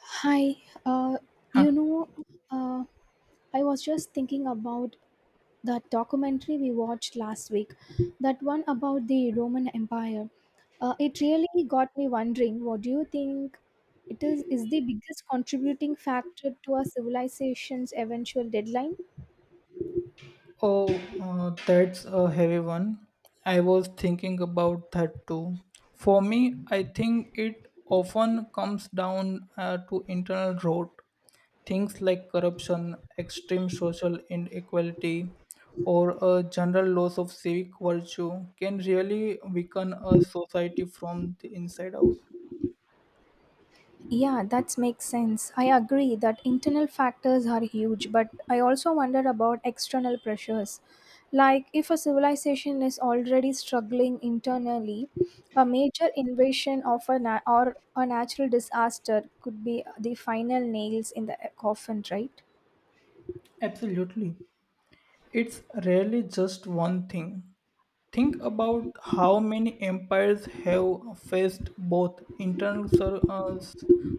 Hi, uh, Huh. you know, uh, I was just thinking about that documentary we watched last week, that one about the Roman Empire. It really got me wondering, what do you think is the biggest contributing factor to our civilization's eventual deadline? Oh, that's a heavy one. I was thinking about that too. For me, I think it often comes down to internal rot, things like corruption, extreme social inequality, or a general loss of civic virtue can really weaken a society from the inside out. Yeah, that makes sense. I agree that internal factors are huge, but I also wonder about external pressures. Like, if a civilization is already struggling internally, a major invasion of a na- or a natural disaster could be the final nails in the coffin, right? Absolutely. It's rarely just one thing. Think about how many empires have faced both internal sur- uh,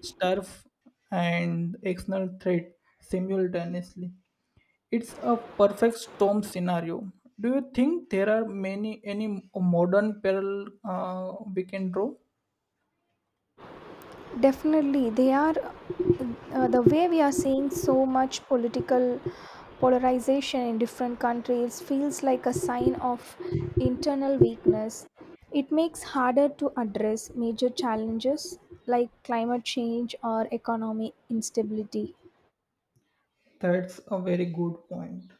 strife and external threat simultaneously. It's a perfect storm scenario. Do you think there are many any modern parallel we can draw? Definitely, they are. The way we are seeing so much political polarization in different countries feels like a sign of internal weakness. It makes harder to address major challenges like climate change or economic instability. That's a very good point.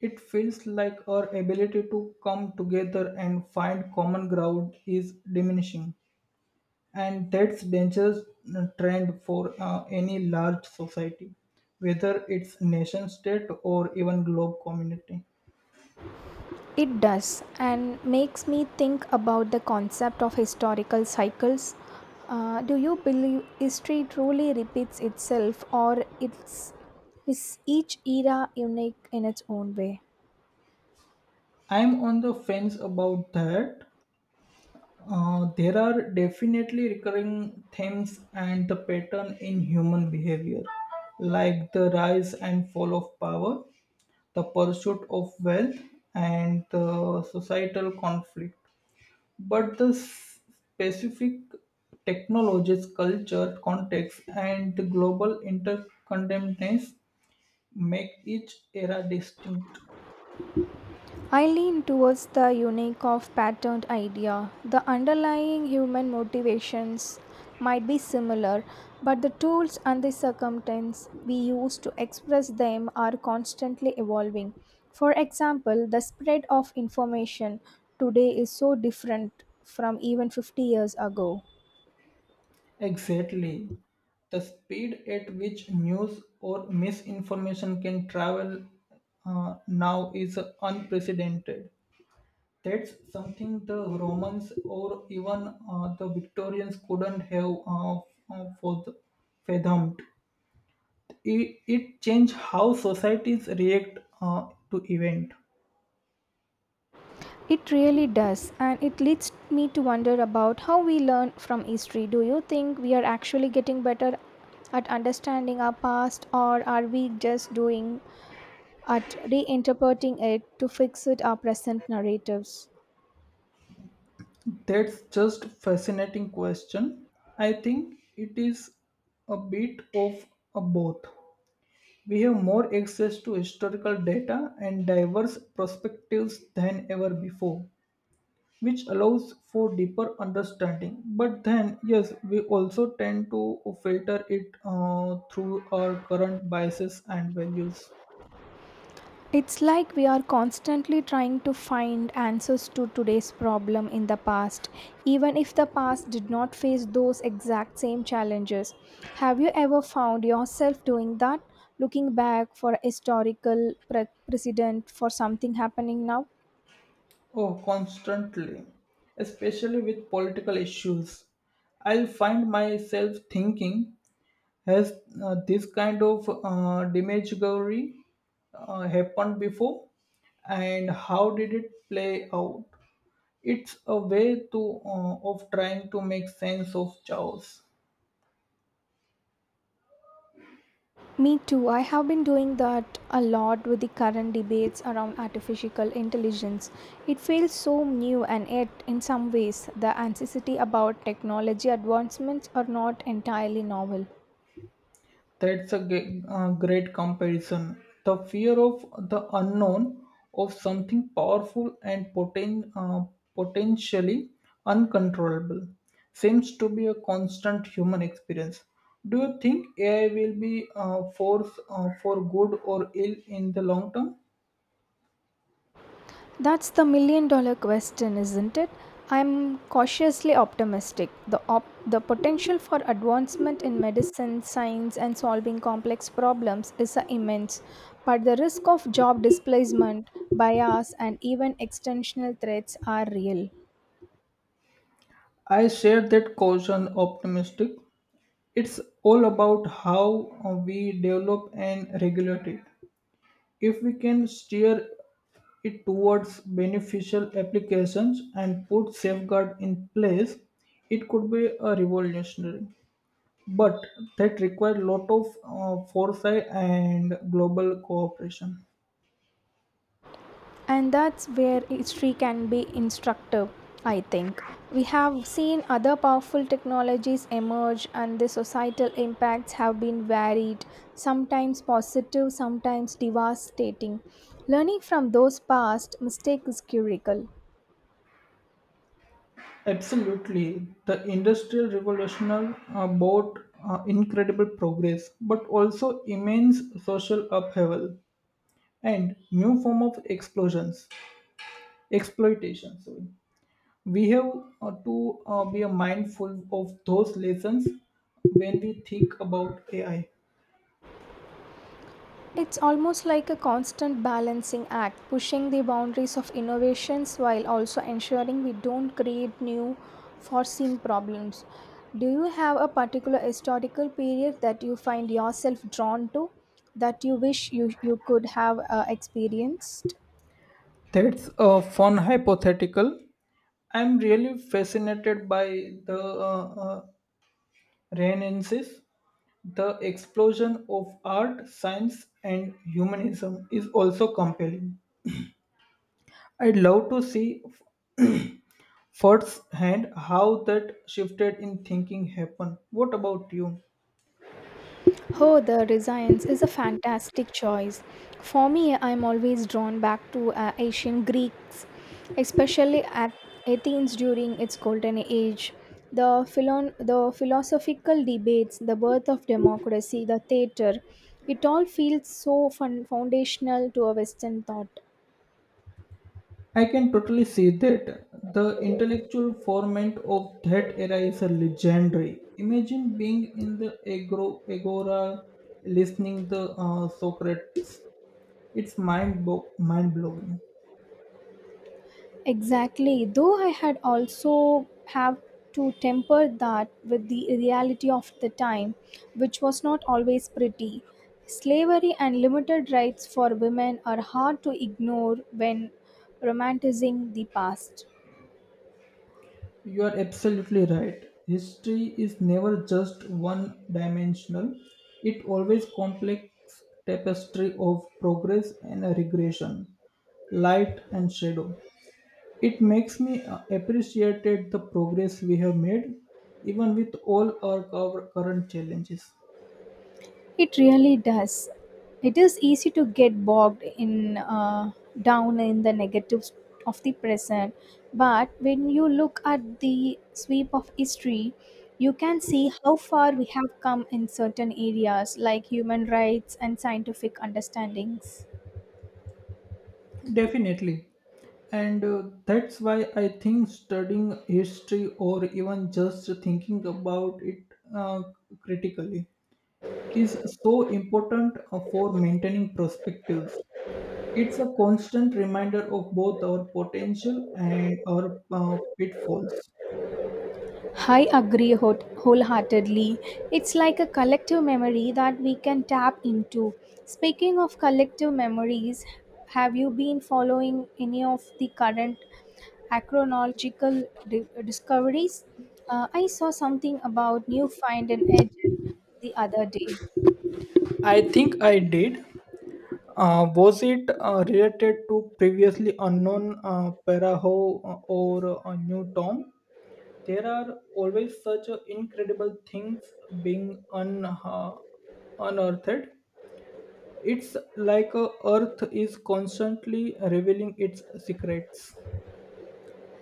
It feels like our ability to come together and find common ground is diminishing, and that's dangerous trend for any large society, whether it's nation state or even globe community. It does, and makes me think about the concept of historical cycles. Do you believe history truly repeats itself, or it's is each era unique in its own way? I'm on the fence about that. There are definitely recurring themes and the pattern in human behavior, like the rise and fall of power, the pursuit of wealth, and the societal conflict, but specific technologies, culture, context, and the global interconnectedness make each era distinct. I lean towards the unique of patterned idea. The underlying human motivations might be similar, but the tools and the circumstances we use to express them are constantly evolving. For example, the spread of information today is so different from even 50 years ago. Exactly. The speed at which news or misinformation can travel now is unprecedented. That's something the Romans or even the Victorians couldn't have uh, fath- fathomed. It changed how societies react to event. It really does, and it leads me to wonder about how we learn from history. Do you think we are actually getting better at understanding our past, or are we just doing at reinterpreting it to fix it our present narratives? That's just fascinating question. I think it is a bit of a both. We have more access to historical data and diverse perspectives than ever before, which allows for deeper understanding, but then yes, we also tend to filter it through our current biases and values. It's like we are constantly trying to find answers to today's problem in the past, even if the past did not face those exact same challenges. Have you ever found yourself doing that, looking back for a precedent for something happening now? Oh, constantly, especially with political issues. I'll find myself thinking, has this kind of demagoguery happened before? And how did it play out? It's a way to of trying to make sense of chaos. Me too. I have been doing that a lot with the current debates around artificial intelligence. It feels so new, and yet, in some ways, the anxiety about technology advancements are not entirely novel. That's a great comparison. The fear of the unknown, of something powerful and potentially uncontrollable, seems to be a constant human experience. Do you think AI will be a force for good or ill in the long term? That's the million dollar question, isn't it? I'm cautiously optimistic. The potential for advancement in medicine, science, and solving complex problems is immense, but the risk of job displacement, bias, and even extensional threats are real. I share that caution optimistic. It's all about how we develop and regulate it. If we can steer it towards beneficial applications and put safeguard in place, it could be a revolutionary. But that required lot of foresight and global cooperation. And that's where history can be instructive. I think we have seen other powerful technologies emerge, and the societal impacts have been varied, sometimes positive, sometimes devastating. Learning from those past mistakes is critical. Absolutely, the industrial revolution brought incredible progress, but also immense social upheaval and new form of explosions, exploitation. Sorry, we have to be mindful of those lessons when we think about AI. It's almost like a constant balancing act, pushing the boundaries of innovations while also ensuring we don't create new, foreseen problems. Do you have a particular historical period that you find yourself drawn to that you wish you could have experienced? That's a fun hypothetical. I'm really fascinated by the Renaissance. The explosion of art, science, and humanism is also compelling. I'd love to see firsthand how that shifted in thinking happened. What about you? Oh, the Renaissance is a fantastic choice. For me, I'm always drawn back to ancient Greeks, especially at Athens during its golden age. The philosophical debates, the birth of democracy, the theater, it all feels so foundational to a Western thought. I can totally see that. The intellectual format of that era is legendary. Imagine being in the agro, agora, listening the Socrates. It's mind blowing. Exactly. Though I had also have to temper that with the reality of the time, which was not always pretty. Slavery and limited rights for women are hard to ignore when romanticizing the past. You are absolutely right. History is never just one dimensional. It always complex tapestry of progress and regression, light and shadow. It makes me appreciate the progress we have made, even with all our current challenges. It really does. It is easy to get bogged in down in the negatives of the present, but when you look at the sweep of history, you can see how far we have come in certain areas like human rights and scientific understandings. Definitely. And that's why I think studying history or even just thinking about it uh, critically is so important for maintaining perspectives. It's a constant reminder of both our potential and our pitfalls. I agree wholeheartedly. It's like a collective memory that we can tap into. Speaking of collective memories, have you been following any of the current Acronological discoveries? I saw something about new find and edge the other day. I think I did. Was it related to previously unknown Paraho or New Tom? There are always such incredible things being un- uh, unearthed. It's like Earth is constantly revealing its secrets.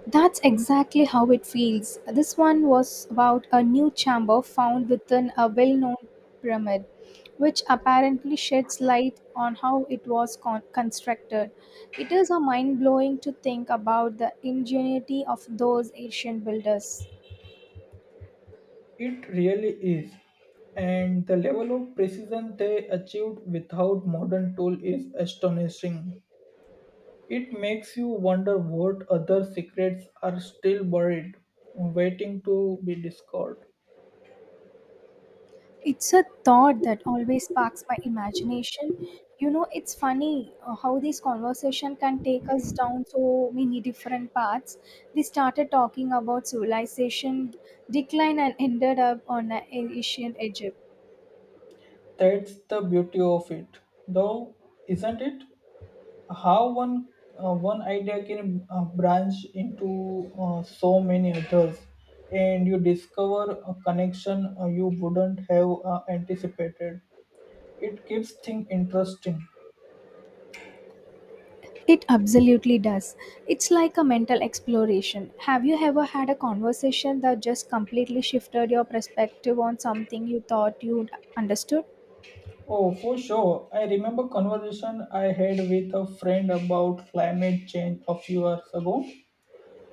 That's exactly how it feels. This one was about a new chamber found within a well-known pyramid, which apparently sheds light on how it was constructed. It is a mind-blowing to think about the ingenuity of those ancient builders. It really is. And the level of precision they achieved without modern tool is astonishing. It makes you wonder what other secrets are still buried, waiting to be discovered. It's a thought that always sparks my imagination. You know, it's funny how this conversation can take us down so many different paths. We started talking about civilization decline and ended up on ancient Egypt. That's the beauty of it, though, isn't it? How one idea can branch into so many others, and you discover a connection you wouldn't have anticipated. It keeps things interesting. It absolutely does. It's like a mental exploration. Have you ever had a conversation that just completely shifted your perspective on something you thought you understood? Oh, for sure. I remember conversation I had with a friend about climate change a few years ago.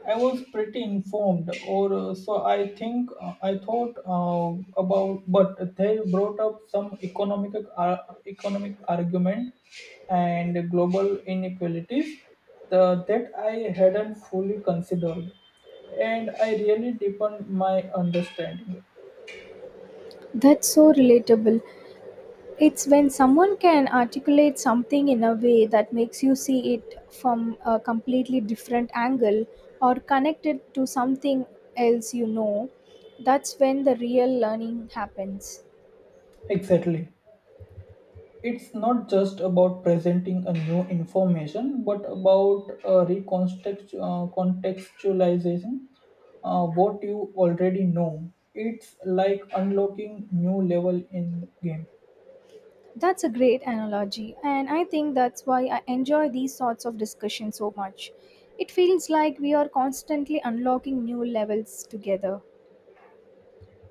I was pretty informed, or so I think. I thought about, but they brought up some economic argument and global inequalities that I hadn't fully considered, and I really deepened my understanding. That's so relatable. It's when someone can articulate something in a way that makes you see it from a completely different angle or connect it to something else, you know. That's when the real learning happens. Exactly. It's not just about presenting a new information, but about contextualizing what you already know. It's like unlocking new level in game. That's a great analogy, and I think that's why I enjoy these sorts of discussions so much. It feels like we are constantly unlocking new levels together.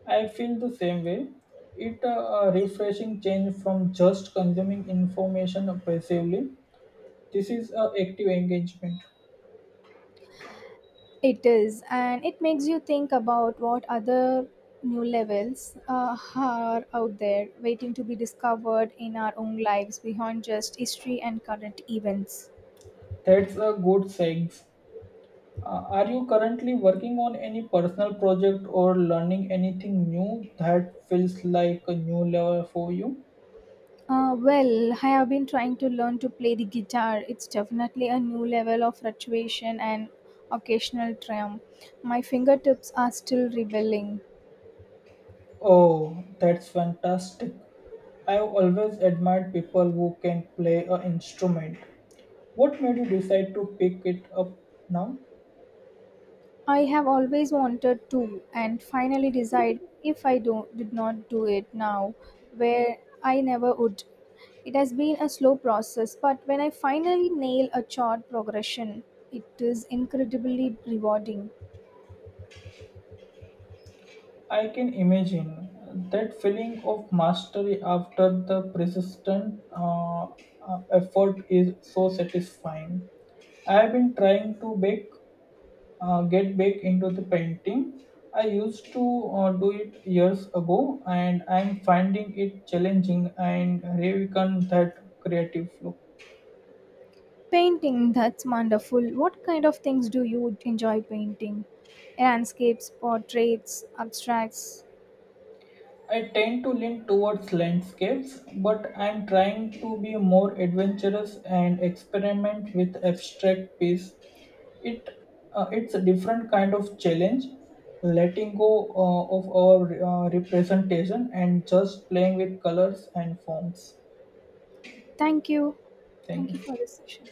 I feel the same way. It a refreshing change from just consuming information passively. This is a active engagement. It is, and it makes you think about what other new levels are out there waiting to be discovered in our own lives beyond just history and current events. That's a good segue. Are you currently working on any personal project or learning anything new that feels like a new level for you? Well, I have been trying to learn to play the guitar. It's definitely a new level of fluctuation and occasional triumph. My fingertips are still rebelling. Oh, that's fantastic. I've always admired people who can play an instrument. What made you decide to pick it up now? I have always wanted to, and finally decide if did not do it now, where I never would. It has been a slow process, but when I finally nail a chart progression, it is incredibly rewarding. I can imagine that feeling of mastery after the persistent effort is so satisfying. I have been trying to bake, get back into the painting. I used to do it years ago, and I'm finding it challenging and reawaken that creative flow. Painting, that's wonderful. What kind of things do you enjoy painting? Landscapes, portraits, abstracts. I tend to lean towards landscapes, but I'm trying to be more adventurous and experiment with abstract piece. It it's a different kind of challenge, letting go of our representation and just playing with colors and forms. Thank you. Thank Thank you you. for this session.